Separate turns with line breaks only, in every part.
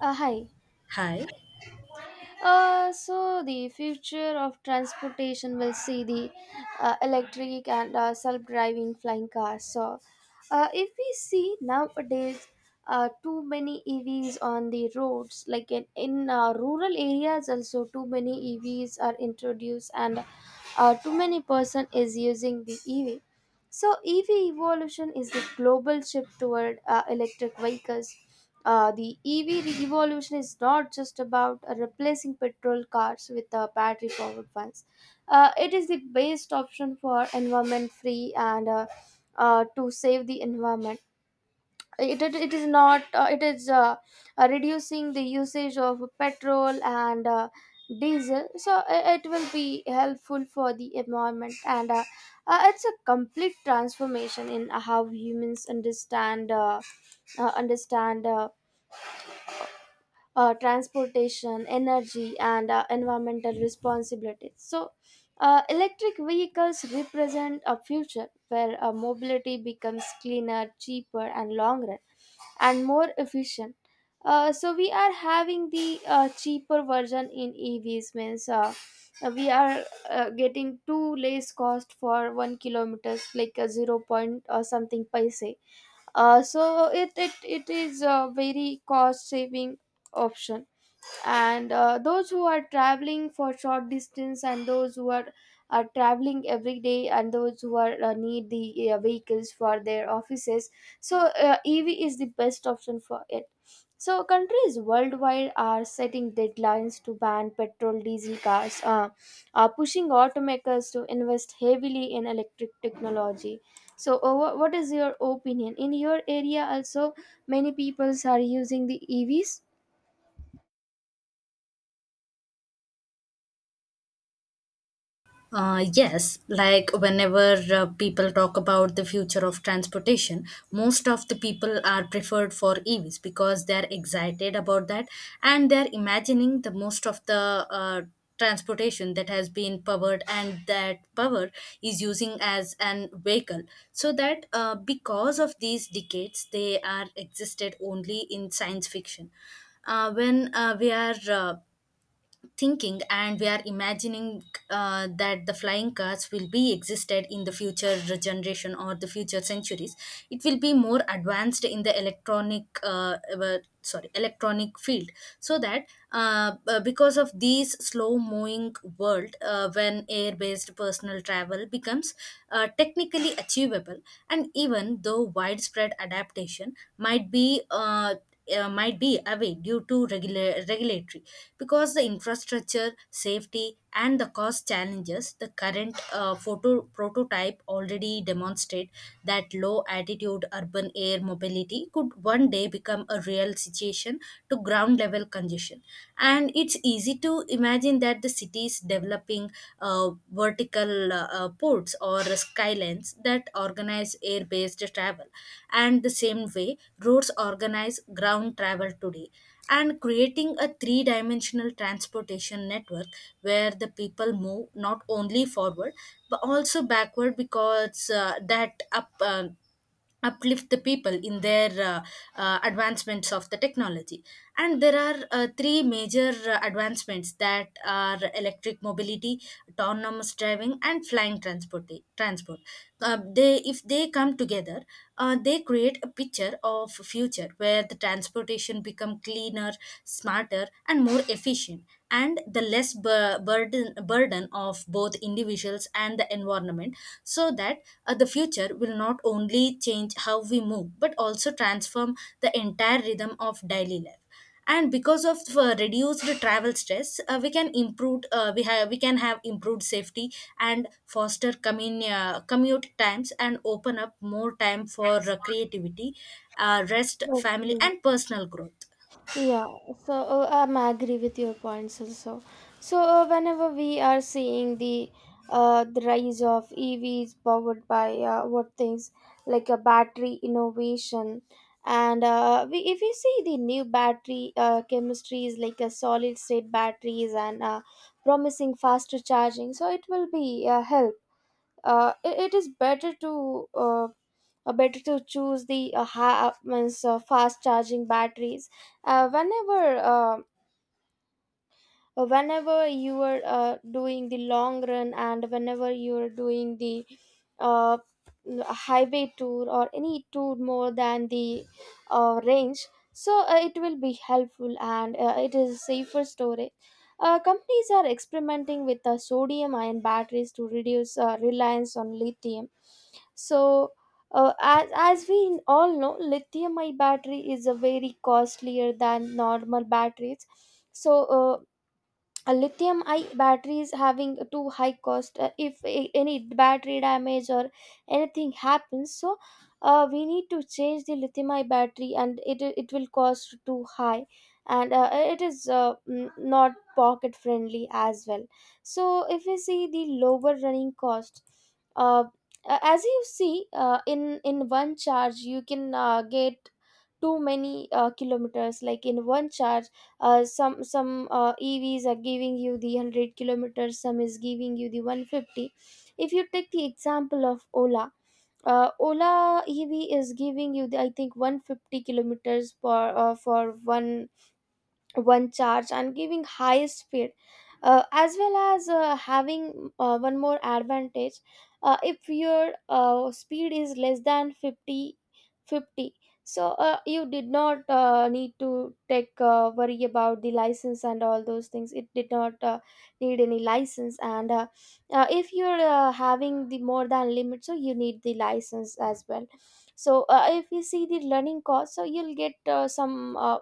Hi.
Hi.
So the future of transportation will see the electric and self-driving flying cars. So, if we see nowadays, too many EVs on the roads, like in rural areas, also too many EVs are introduced, and too many person is using the EV. So, EV evolution is the global shift toward electric vehicles. The EV revolution is not just about replacing petrol cars with battery powered ones. It is the best option for environment free and to save the environment. It is not, it is reducing the usage of petrol and diesel. So it will be helpful for the environment and it's a complete transformation in how humans understand. Understand transportation, energy, and environmental responsibilities. So, electric vehicles represent a future where mobility becomes cleaner, cheaper, and longer, and more efficient. So we are having the cheaper version in EVs means we are getting two less cost for 1 kilometer like a zero point or something paise, so it is a very cost saving option, and those who are traveling for short distance and those who are traveling every day and those who are need the vehicles for their offices, so ev is the best option for it. So countries worldwide are setting deadlines to ban petrol diesel cars, pushing automakers to invest heavily in electric technology. So what is your opinion in your area? Also many peoples are using the evs.
Yes, like whenever people talk about the future of transportation, most of the people are preferred for EVs because they're excited about that, and they're imagining the most of the transportation that has been powered and that power is using as an vehicle. So that because of these decades, they are existed only in science fiction when we are thinking and we are imagining that the flying cars will be existed in the future generation or the future centuries. It will be more advanced in the electronic sorry, electronic field. So that because of these slow moving world, when air based personal travel becomes technically achievable, and even though widespread adaptation might be away due to regulatory, because the infrastructure safety and the cost challenges, the current photo prototype already demonstrate that low altitude urban air mobility could one day become a real situation to ground level congestion. And it's easy to imagine that the cities developing uh, vertical ports or skylines that organize air based travel. And the same way, roads organize ground travel today. And creating a three dimensional transportation network where the people move not only forward but also backward, because that up. Uplift the people in their advancements of the technology. And there are three major advancements, that are electric mobility, autonomous driving, and flying transport transport. They, if they come together, they create a picture of future where the transportation become cleaner, smarter, and more efficient, and the less burden of both individuals and the environment. So that the future will not only change how we move but also transform the entire rhythm of daily life. And because of reduced travel stress, we can improve, we can have improved safety, and foster commute times, and open up more time for creativity, rest, family,
Okay.
and personal growth.
Yeah, so I'm agree with your points also. So whenever we are seeing the rise of EVs powered by what things like a battery innovation, and if you see the new battery chemistries like a solid state batteries and promising faster charging, so it will be help. It is better to better to choose the ha- means fast charging batteries. Whenever whenever you are doing the long run and whenever you are doing the uh, highway tour or any tour more than the range, so it will be helpful and it is safer storage. Companies are experimenting with sodium ion batteries to reduce reliance on lithium. So as we all know lithium ion battery is a very costlier than normal batteries. So uh, a lithium I batteries having too high cost. If any battery damage or anything happens, so we need to change the lithium I battery and it will cost too high, and it is not pocket friendly as well. So if we see the lower running cost, uh, as you see in one charge you can get too many kilometers like in one charge, some evs are giving you the 100 kilometers, some is giving you the 150. If you take the example of ola, ola ev is giving you the, I think, 150 kilometers per for one one charge and giving high speed, as well as having one more advantage. If your speed is less than fifty, so you did not need to take worry about the license and all those things. It did not need any license, and if you're having the more than limit, so you need the license as well. So if you see the learning cost, so you'll get some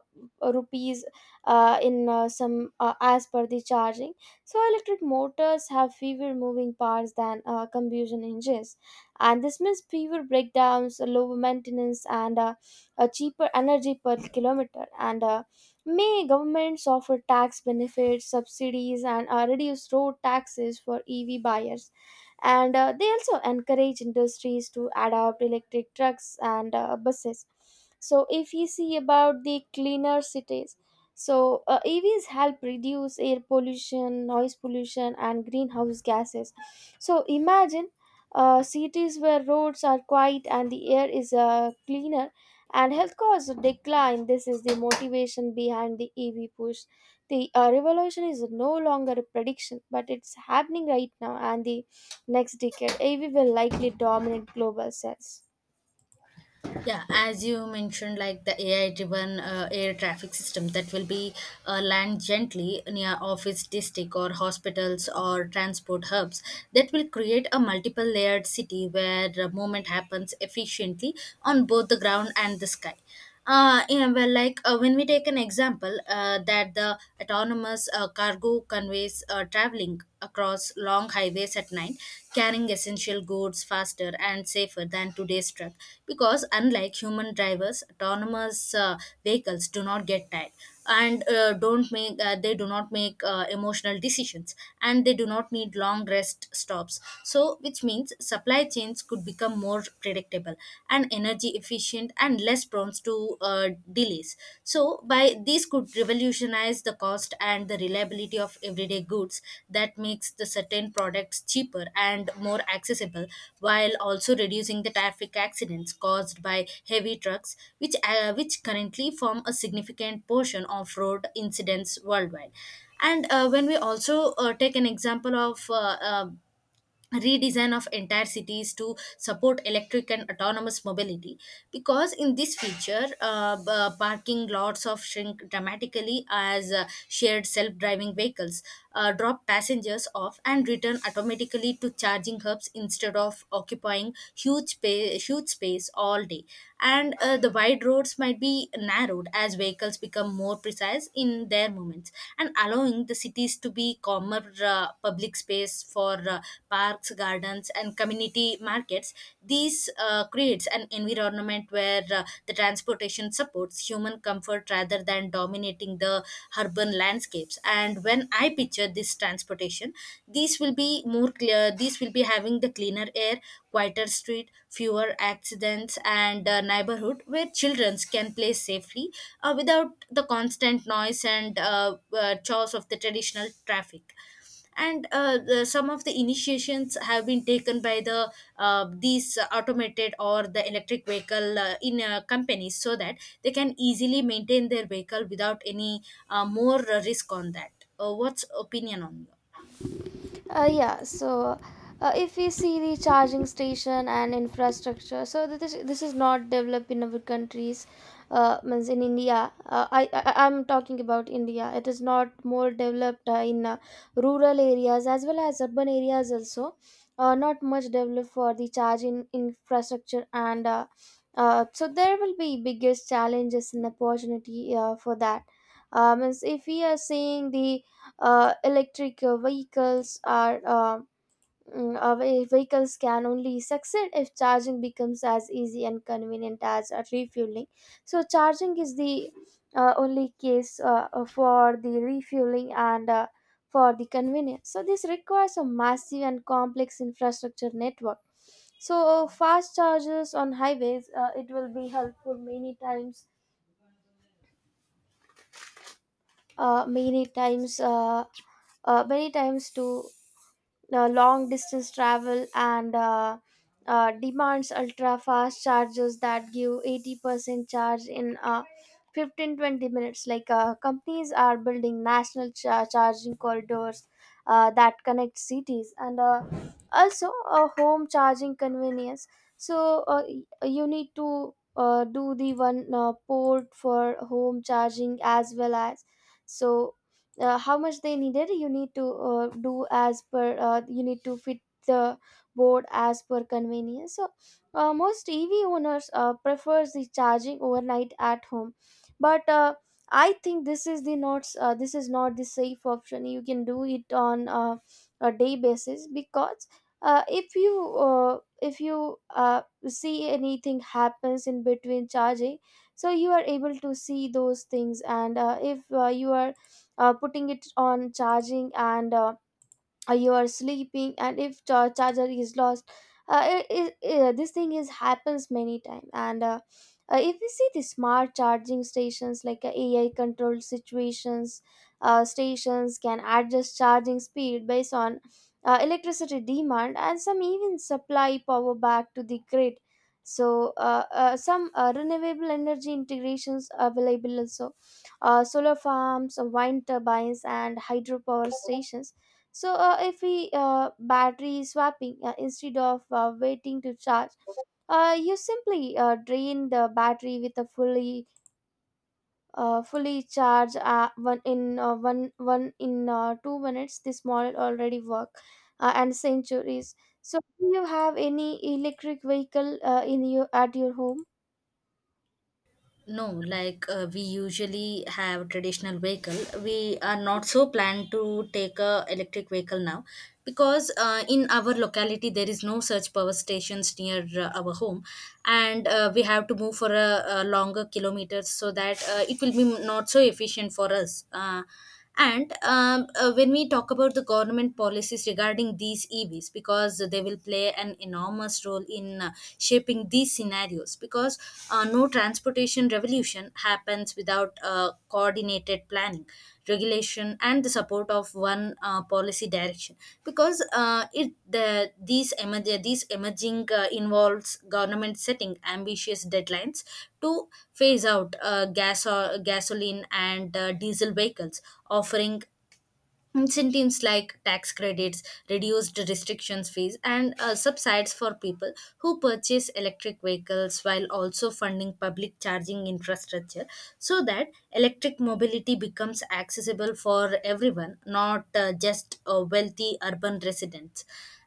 rupees in some as per the charging. So electric motors have fewer moving parts than combustion engines, and this means fewer breakdowns, lower maintenance, and a cheaper energy per kilometer. And may governments offer tax benefits, subsidies, and reduce road taxes for EV buyers. And they also encourage industries to adopt electric trucks and buses. So, if we see about the cleaner cities, so, EVs help reduce air pollution, noise pollution, and greenhouse gases. So, imagine cities where roads are quiet and the air is cleaner and health costs decline. This is the motivation behind the EV push. The revolution is no longer a prediction, but it's happening right now, and the next decade, EV will likely dominate global sales.
Yeah, as you mentioned, like the AI-driven air traffic system that will be land gently near office district or hospitals or transport hubs, that will create a multiple-layered city where the movement happens efficiently on both the ground and the sky. Yeah, well, like when we take an example that the autonomous cargo conveys traveling across long highways at night, carrying essential goods faster and safer than today's truck, because unlike human drivers, autonomous vehicles do not get tired, and don't make they do not make emotional decisions, and they do not need long rest stops, so which means supply chains could become more predictable and energy efficient and less prone to delays. So by this could revolutionize the cost and the reliability of everyday goods, that makes the certain products cheaper and more accessible, while also reducing the traffic accidents caused by heavy trucks, which currently form a significant portion of road incidents worldwide. And when we also take an example of uh, redesign of entire cities to support electric and autonomous mobility, because in this feature parking lots of shrink dramatically, as shared self-driving vehicles drop passengers off and return automatically to charging hubs instead of occupying huge space all day. And the wide roads might be narrowed as vehicles become more precise in their movements, and allowing the cities to be calmer, public space for parks, gardens, and community markets. These creates an environment where the transportation supports human comfort rather than dominating the urban landscapes. And when I picture this transportation, these will be more clear, these will be having the cleaner air, quieter street, fewer accidents, and a neighborhood where children can play safely, without the constant noise and chores of the traditional traffic. And some of the initiations have been taken by the these automated or the electric vehicle in companies, so that they can easily maintain their vehicle without any more risk on that. What's opinion on?
Yeah, so if we see the charging station and infrastructure, so this is not developed in our countries, means in India. I I'm talking about India. It is not more developed in rural areas as well as urban areas also. Not much developed for the charging infrastructure, and so there will be biggest challenges and opportunity for that. Means if we are seeing the electric vehicles are vehicles can only succeed if charging becomes as easy and convenient as refueling. So charging is the only case for the refueling and for the convenience. So this requires a massive and complex infrastructure network. So fast chargers on highways, it will be helpful many times, uh, many times uh, many times to long distance travel, and demands ultra fast chargers that give 80% charge in 15, 20 minutes. Like companies are building national charging corridors that connect cities, and also a home charging convenience. So you need to do the one port for home charging as well. As so how much they needed you need to do as per you need to fit the board as per convenience. So most ev owners prefers the charging overnight at home, but I think this is the not, this is not the safe option. You can do it on a day basis, because uh, if you if you uh, see anything happens in between charging, so you are able to see those things. And if you are putting it on charging and you are sleeping and if charger is lost, this thing is happens many times, and if we see the smart charging stations like ai controlled situations, stations can adjust charging speed based on electricity demand, and some even supply power back to the grid. So some renewable energy integrations available also, solar farms, wind turbines, and hydropower stations. So if we battery swapping, instead of waiting to charge, you simply drain the battery with a fully fully charged one in 2 minutes. This model already work and centuries. So do you have any electric vehicle in your at your home?
No, like we usually have traditional vehicle. We are not so planned to take a electric vehicle now, because in our locality there is no such power stations near our home, and we have to move for a longer kilometers, so that it will be not so efficient for us. And When we talk about the government policies regarding these EVs, because they will play an enormous role in shaping these scenarios, because no transportation revolution happens without coordinated planning, regulation, action and the support of one policy direction because it these these emerging involves government setting ambitious deadlines to phase out gas or gasoline and diesel vehicles, offering incentives like tax credits, reduced restrictions fees, and subsides for people who purchase electric vehicles, while also funding public charging infrastructure, so that electric mobility becomes accessible for everyone, not just wealthy urban residents.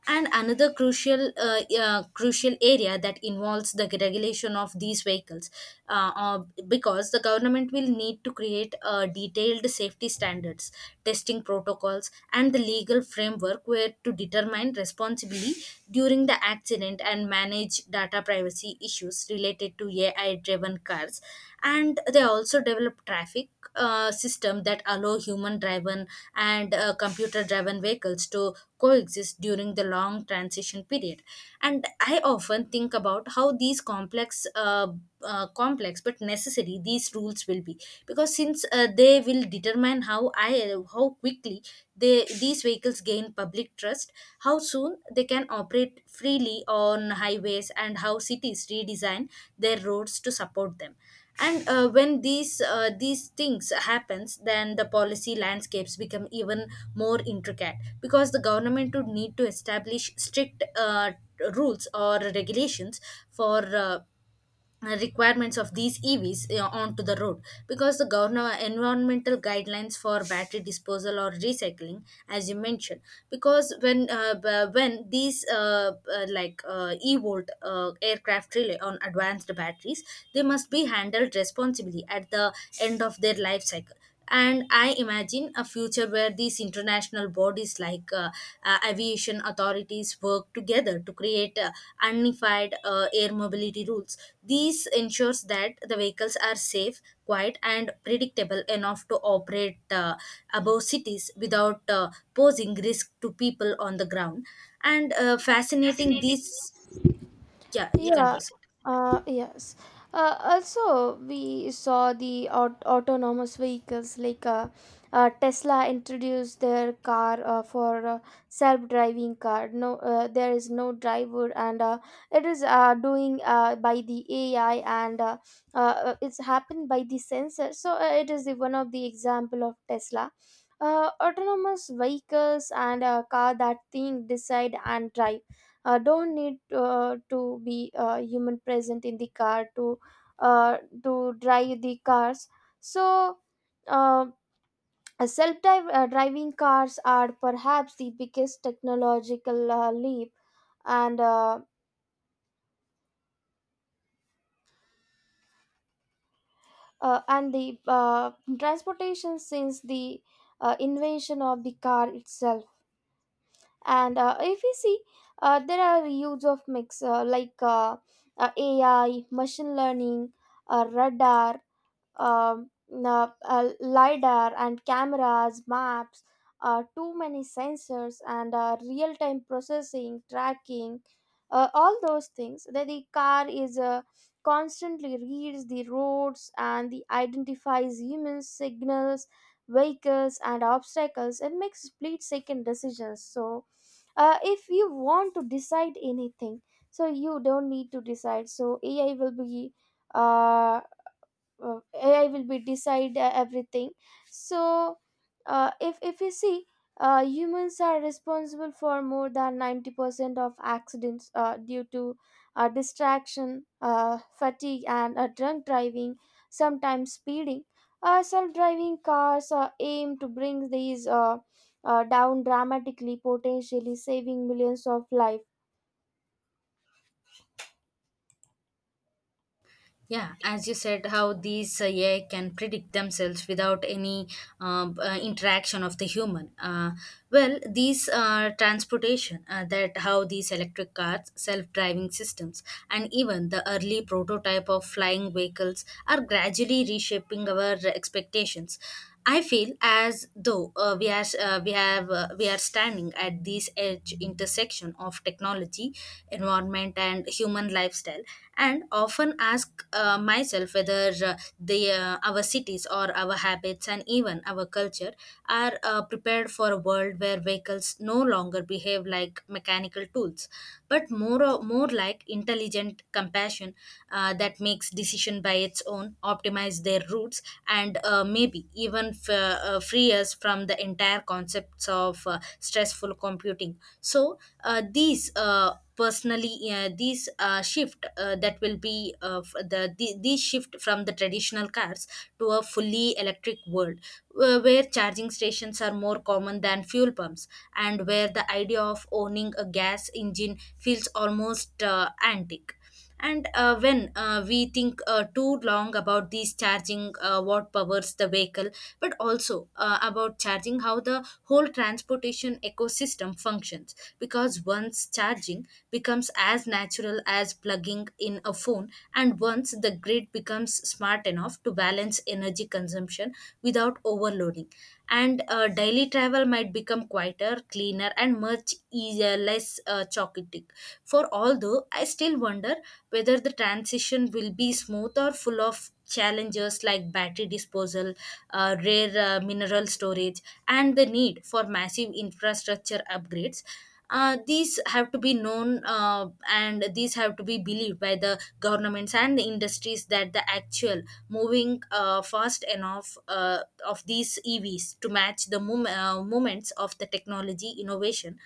And another crucial crucial area that involves the regulation of these vehicles, because the government will need to create detailed safety standards, testing protocols, and the legal framework where to determine responsibility during the accident, and manage data privacy issues related to AI-driven cars. And they also develop traffic system that allow human driven and computer driven vehicles to coexist during the long transition period. And I often think about how these complex complex but necessary these rules will be, because since they will determine how quickly they these vehicles gain public trust, how soon they can operate freely on highways, and how cities redesign their roads to support them. And when these things happens, then the policy landscapes become even more intricate, because the government would need to establish strict rules or regulations for requirements of these EVs onto the road, because the governor environmental guidelines for battery disposal or recycling, as you mentioned, because when these like e-volt aircraft rely on advanced batteries, they must be handled responsibly at the end of their life cycle. And I imagine a future where these international bodies like aviation authorities work together to create unified air mobility rules, these ensures that the vehicles are safe, quiet, and predictable enough to operate above cities without posing risk to people on the ground. And fascinating these. Yeah, you can
Yeah,
proceed.
yes. Also, we saw the autonomous vehicles like Tesla introduced their car for self-driving car. No, there is no driver, and it is doing by the AI, and it's happened by the sensor. So it is the, one of the example of Tesla. Autonomous vehicles and a car that think, decide, and drive don't need to be human present in the car to drive the cars. So uh, self driving cars are perhaps the biggest technological leap and uh, and the transportation since the invention of the car itself. And if we see there are use of mix like ai, machine learning, radar, lidar and cameras, maps, too many sensors, and real-time processing, tracking, all those things. That the car is constantly reads the roads and the identifies human signals, vehicles, and obstacles, and makes split-second decisions. So, if you want to decide anything, so you don't need to decide. So AI will be uh uh, decide everything. So if you see humans are responsible for more than 90% of accidents due to distraction, fatigue, and drunk driving, sometimes speeding. Self-driving cars aim to bring these down dramatically, potentially saving millions of lives.
Yeah, as you said, how these AI can predict themselves without any interaction of the human. Well, these transportation that how these electric cars, self-driving systems, and even the early prototype of flying vehicles are gradually reshaping our expectations. I feel as though we are standing at this edge intersection of technology, environment, and human lifestyle, and often ask myself whether the our cities or our habits and even our culture are prepared for a world where vehicles no longer behave like mechanical tools, but more like intelligent compassion, that makes decision by its own, optimize their routes, and maybe even free us from the entire concepts of stressful computing. So these personally, these shift that will be f- the these shift from the traditional cars to a fully electric world, where charging stations are more common than fuel pumps, and where the idea of owning a gas engine feels almost antique. And when we think too long about these charging, what powers the vehicle, but also about charging how the whole transportation ecosystem functions. Because once charging becomes as natural as plugging in a phone, and once the grid becomes smart enough to balance energy consumption without overloading, and daily travel might become quieter, cleaner, and much easier, less chaotic. For although I still wonder whether the transition will be smooth or full of challenges like battery disposal, rare mineral storage, and the need for massive infrastructure upgrades. These have to be known and these have to be believed by the governments and the industries that the actual moving fast enough of these evs to match the moments of the technology innovation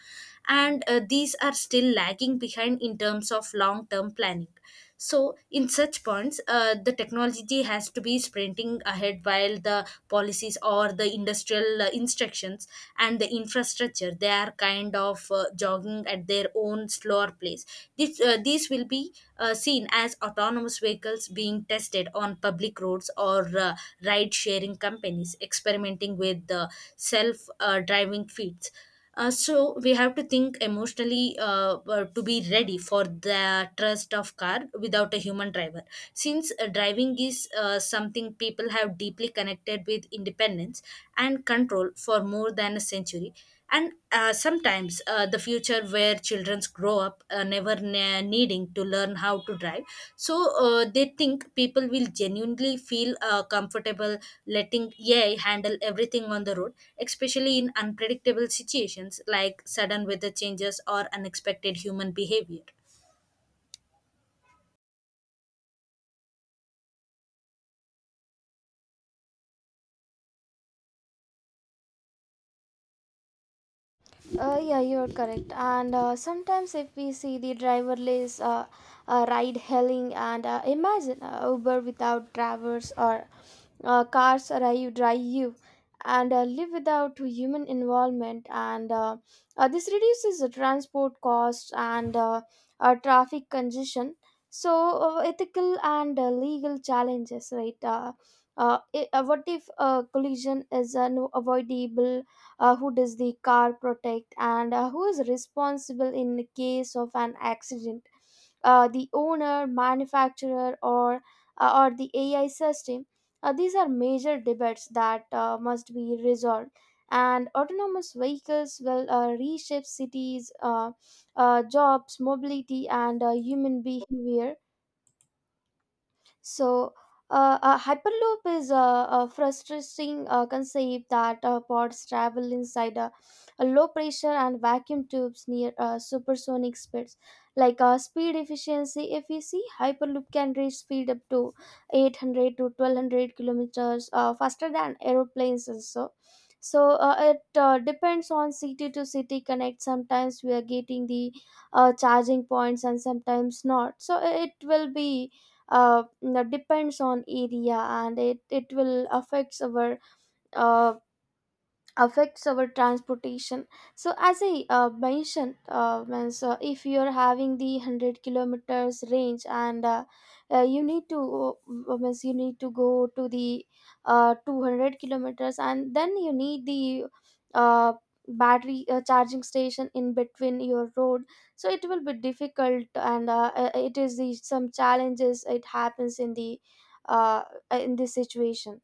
and these are still lagging behind in terms of long term planning. So in such points the technology has to be sprinting ahead while the policies or the industrial instructions and the infrastructure they are kind of jogging at their own slower pace. These will be seen as autonomous vehicles being tested on public roads or ride sharing companies experimenting with the self driving fleets. So we have to think emotionally to be ready for the trust of car without a human driver, since driving is something people have deeply connected with independence and control for more than a century, and sometimes the future where children grow up never needing to learn how to drive. So they think people will genuinely feel comfortable letting AI handle everything on the road, especially in unpredictable situations like sudden weather changes or unexpected human behavior.
Yeah, you're correct. And sometimes, if we see the driverless ride hailing, and imagine Uber without drivers or cars arrive drive you, and live without human involvement, and this reduces the transport costs and traffic congestion. So ethical and legal challenges, right? What if collision is no avoidable? Who does the car protect, and who is responsible in the case of an accident, the owner, manufacturer, or the ai system? These are major debates that must be resolved, and autonomous vehicles will reshape cities, jobs, mobility, and human behavior. so, a hyperloop is a frustrating concept that pods travel inside a low pressure and vacuum tubes near supersonic speeds. Like, speed efficiency, if we see, hyperloop can reach speed up to 800 to 1200 kilometers, faster than aeroplanes also. So it depends on city to city connect. Sometimes we are getting the charging points and sometimes not. So it will be depends on area, and it will affects our uh, transportation. So as I mentioned, if you're having the 100 kilometers range, and you need to means you need to go to the 200 kilometers, and then you need the uh, battery charging station in between your road. So it will be difficult, and it is the some challenges it happens in the uh, in this situation.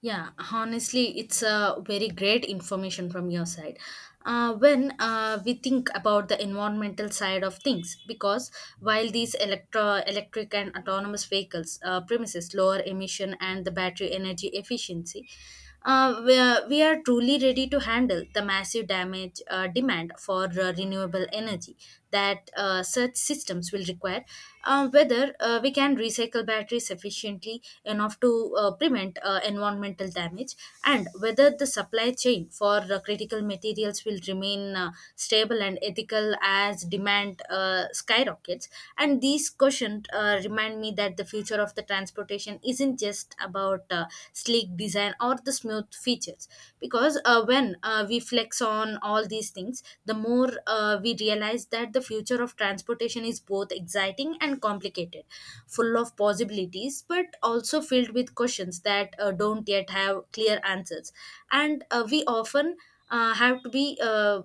Yeah, honestly, it's a very great information from your side. When we think about the environmental side of things, because while these electric and autonomous vehicles premises lower emission and the battery energy efficiency, we are truly ready to handle the massive damage demand for renewable energy that such systems will require, whether we can recycle batteries efficiently enough to prevent environmental damage, and whether the supply chain for critical materials will remain stable and ethical as demand skyrockets. And these questions remind me that the future of the transportation isn't just about sleek design or the smooth features, because when we flex on all these things the more we realize that the future of transportation is both exciting and complicated, full of possibilities but also filled with questions that don't yet have clear answers, and we often have to be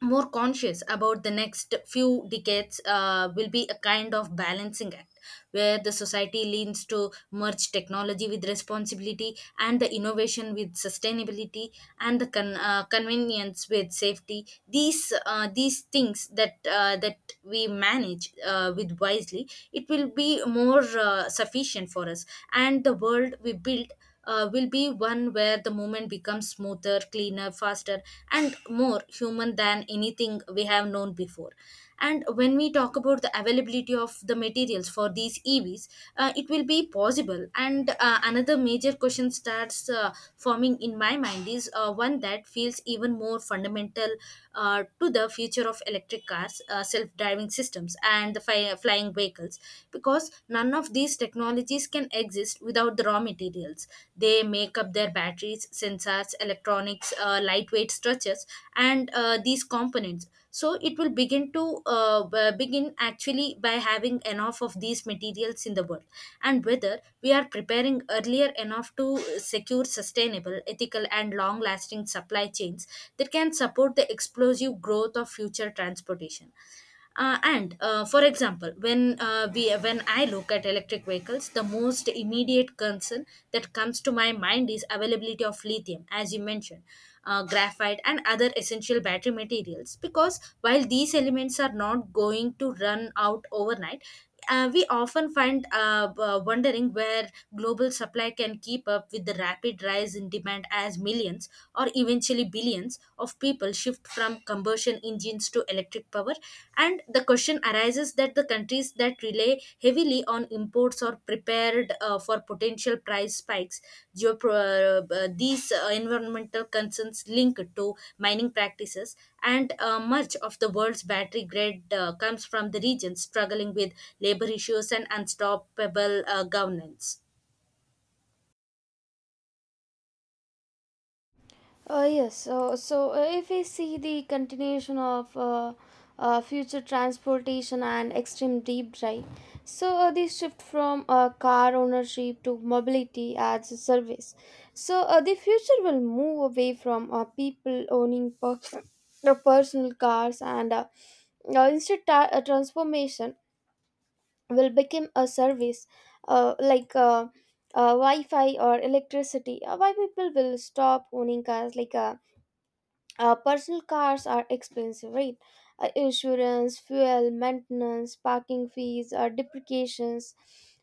more conscious about the next few decades. Will be a kind of balancing act where the society leans to merge technology with responsibility and the innovation with sustainability and the convenience with safety. These things that we manage with wisely, it will be more sufficient for us, and the world we build will be one where the movement becomes smoother, cleaner, faster, and more human than anything we have known before. And when we talk about the availability of the materials for these EVs, it will be possible. And another major question starts forming in my mind is one that feels even more fundamental to the future of electric cars, self driving systems, and the flying vehicles, because none of these technologies can exist without the raw materials. They make up their batteries, sensors, electronics, lightweight structures, and these components. So it will begin to begin actually by having enough of these materials in the world, and whether we are preparing earlier enough to secure sustainable, ethical, and long-lasting supply chains that can support the explosive growth of future transportation. And For example, when I look at electric vehicles, the most immediate concern that comes to my mind is availability of lithium, as you mentioned, graphite, and other essential battery materials. Because while these elements are not going to run out overnight, we often find wondering where global supply can keep up with the rapid rise in demand as millions or eventually billions of people shift from combustion engines to electric power. And the question arises that the countries that rely heavily on imports or prepared for potential price spikes, these environmental concerns linked to mining practices, and much of the world's battery grid comes from the regions struggling with labor issues and unstoppable governance.
Yes, so if we see the continuation of future transportation and extreme deep drive, so the shift from car ownership to mobility as a service, so the future will move away from people owning the personal cars, and instead transformation will become a service, like Wi-Fi or electricity. Why people will stop owning cars? Like, personal cars are expensive, right? Insurance, fuel, maintenance, parking fees, depreciations,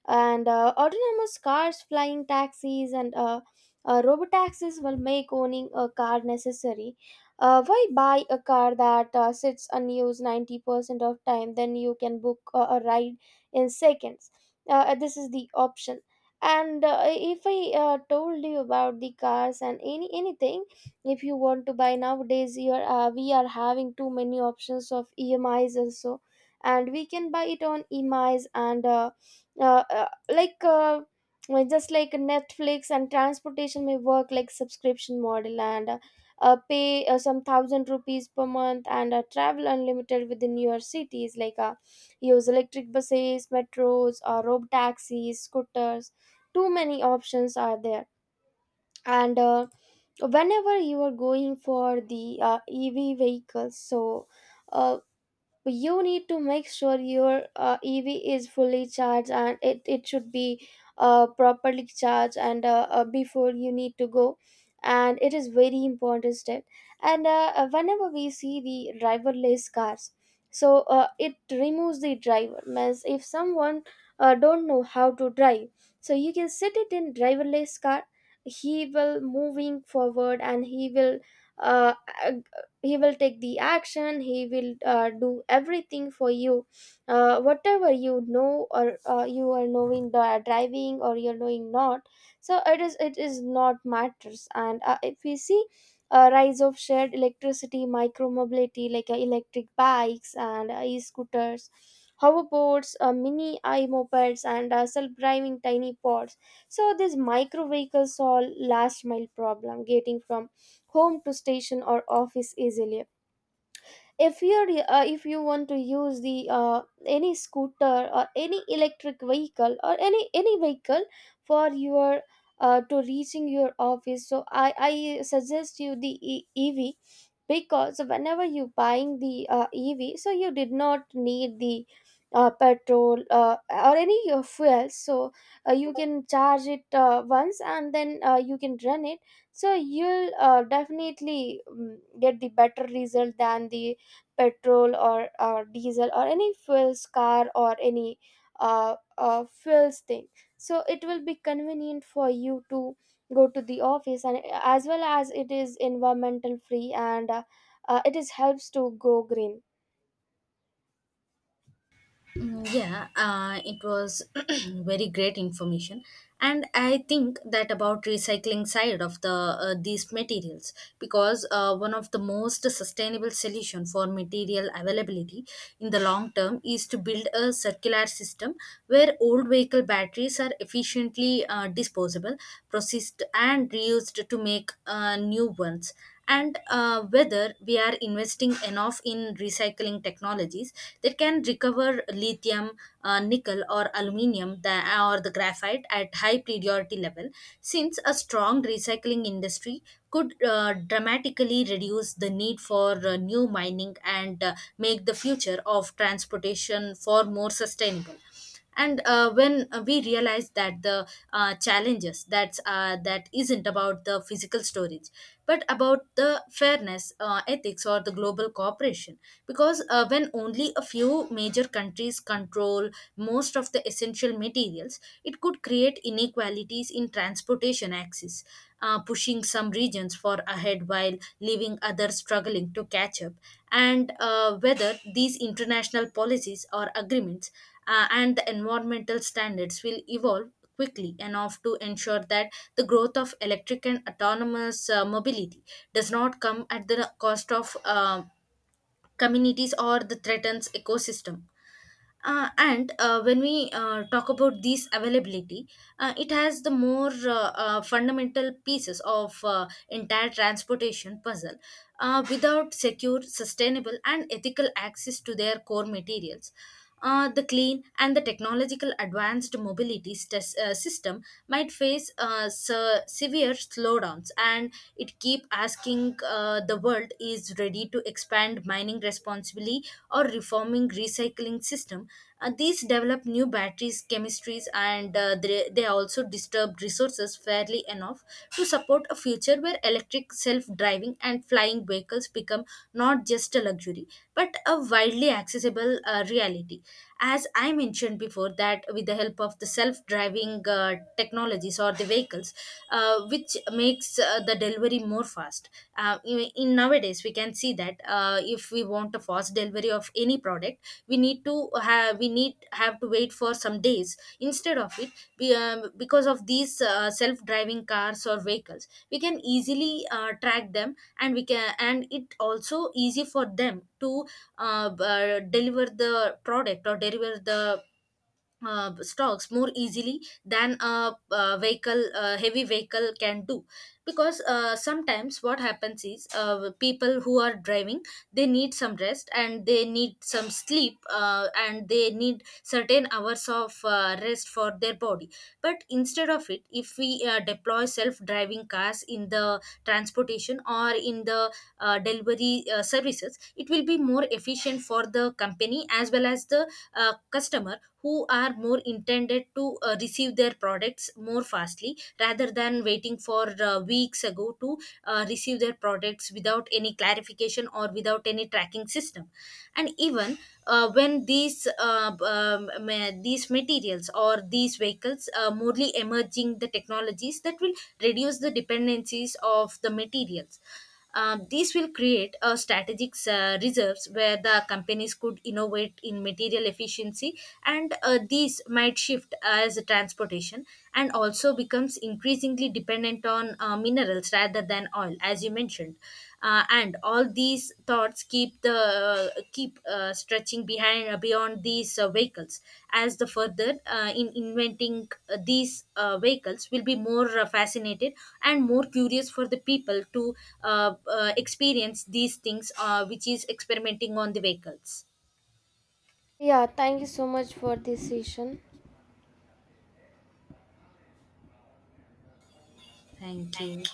and autonomous cars, flying taxis, and robot taxis will make owning a car necessary. Why buy a car that sits unused 90% of time? Then you can book a ride in seconds. This is the option. And if I told you about the cars and anything, if you want to buy nowadays, you are, we are having too many options of emis also, and we can buy it on emis, and uh, uh, like uh, well, just like netflix, and transportation may work like subscription model, and pay some thousand rupees per month, and travel unlimited within your cities, like use electric buses, metros, or robo taxis, scooters. Too many options are there. And whenever you are going for the ev vehicles, so uh, you need to make sure your ev is fully charged, and it should be properly charged, and before you need to go, and it is very important step. And whenever we see the driverless cars, so it removes the driver, means if someone don't know how to drive, so you can sit it in driverless car. He will moving forward, and uh, he will take the action, he will do everything for you, whatever you know, or you are knowing the driving or you're knowing not, so it is, it is not matters. And if we see a rise of shared electricity micromobility, like electric bikes and e-scooters, hoverboards, mini i-mopeds, and self-driving tiny pods. So these micro vehicles solve last mile problem, getting from home to station or office easily. If you're if you want to use the any scooter or any electric vehicle or any vehicle for your to reaching your office, so I suggest you the ev, because whenever you buying the ev, so you did not need the petrol or any fuel. So you can charge it once, and then you can run it. So you'll definitely get the better result than the petrol or diesel or any fuels car or any fuels thing. So it will be convenient for you to go to the office, and as well as it is environmental free, and it is helps to go green.
Mm, yeah, it was very great information, and I think that about recycling side of the these materials, because one of the most sustainable solution for material availability in the long term is to build a circular system where old vehicle batteries are efficiently disposable, processed, and reused to make new ones, and whether we are investing enough in recycling technologies that can recover lithium, nickel, or aluminium or the graphite at high priority level, since a strong recycling industry could dramatically reduce the need for new mining and make the future of transportation for more sustainable. And uh, when uh, we realize that the challenges that isn't about the physical storage but about the fairness, ethics or the global cooperation, because when only a few major countries control most of the essential materials, it could create inequalities in transportation access, pushing some regions for ahead while leaving others struggling to catch up, and whether these international policies or agreements and the environmental standards will evolve quickly enough to ensure that the growth of electric and autonomous mobility does not come at the cost of communities or the threatens ecosystem. And When we talk about these availability, it has the more fundamental pieces of entire transportation puzzle. Without secure, sustainable, and ethical access to their core materials, the clean and the technological advanced mobility system might face severe slowdowns, and it keep asking think the world is ready to expand mining responsibly or reforming recycling system. These develop new batteries, chemistries, and they also disturb resources fairly enough to support a future where electric, self-driving, and flying vehicles become not just a luxury but a widely accessible reality. As I mentioned before, that with the help of the self-driving driving technologies or the vehicles, which makes the delivery more fast. In nowadays, we can see that if we want a fast delivery of any product, we need have to wait for some days. Instead of it, we, because of these self-driving cars or vehicles, we can easily track them, and we can and it also easy for them to deliver the product or deliver the stocks more easily than a, vehicle heavy vehicle can do, because sometimes what happens is people who are driving, they need some rest and they need some sleep, and they need certain hours of rest for their body. But instead of it, if we deploy self driving cars in the transportation or in the delivery services, it will be more efficient for the company as well as the customer who are more intended to receive their products more fastly rather than waiting for weeks ago to receive their products without any clarification or without any tracking system. And even when these these materials or these vehicles are morely emerging, the technologies that will reduce the dependencies of the materials, these will create a strategic reserves where the companies could innovate in material efficiency, and these might shift as transportation and also becomes increasingly dependent on minerals rather than oil, as you mentioned. Uh, and All these thoughts keep stretching behind, beyond these vehicles, as the further in inventing these vehicles will be more fascinated and more curious for the people to experience these things which is experimenting on the vehicles.
Yeah, thank you so much for this session.
Thank you.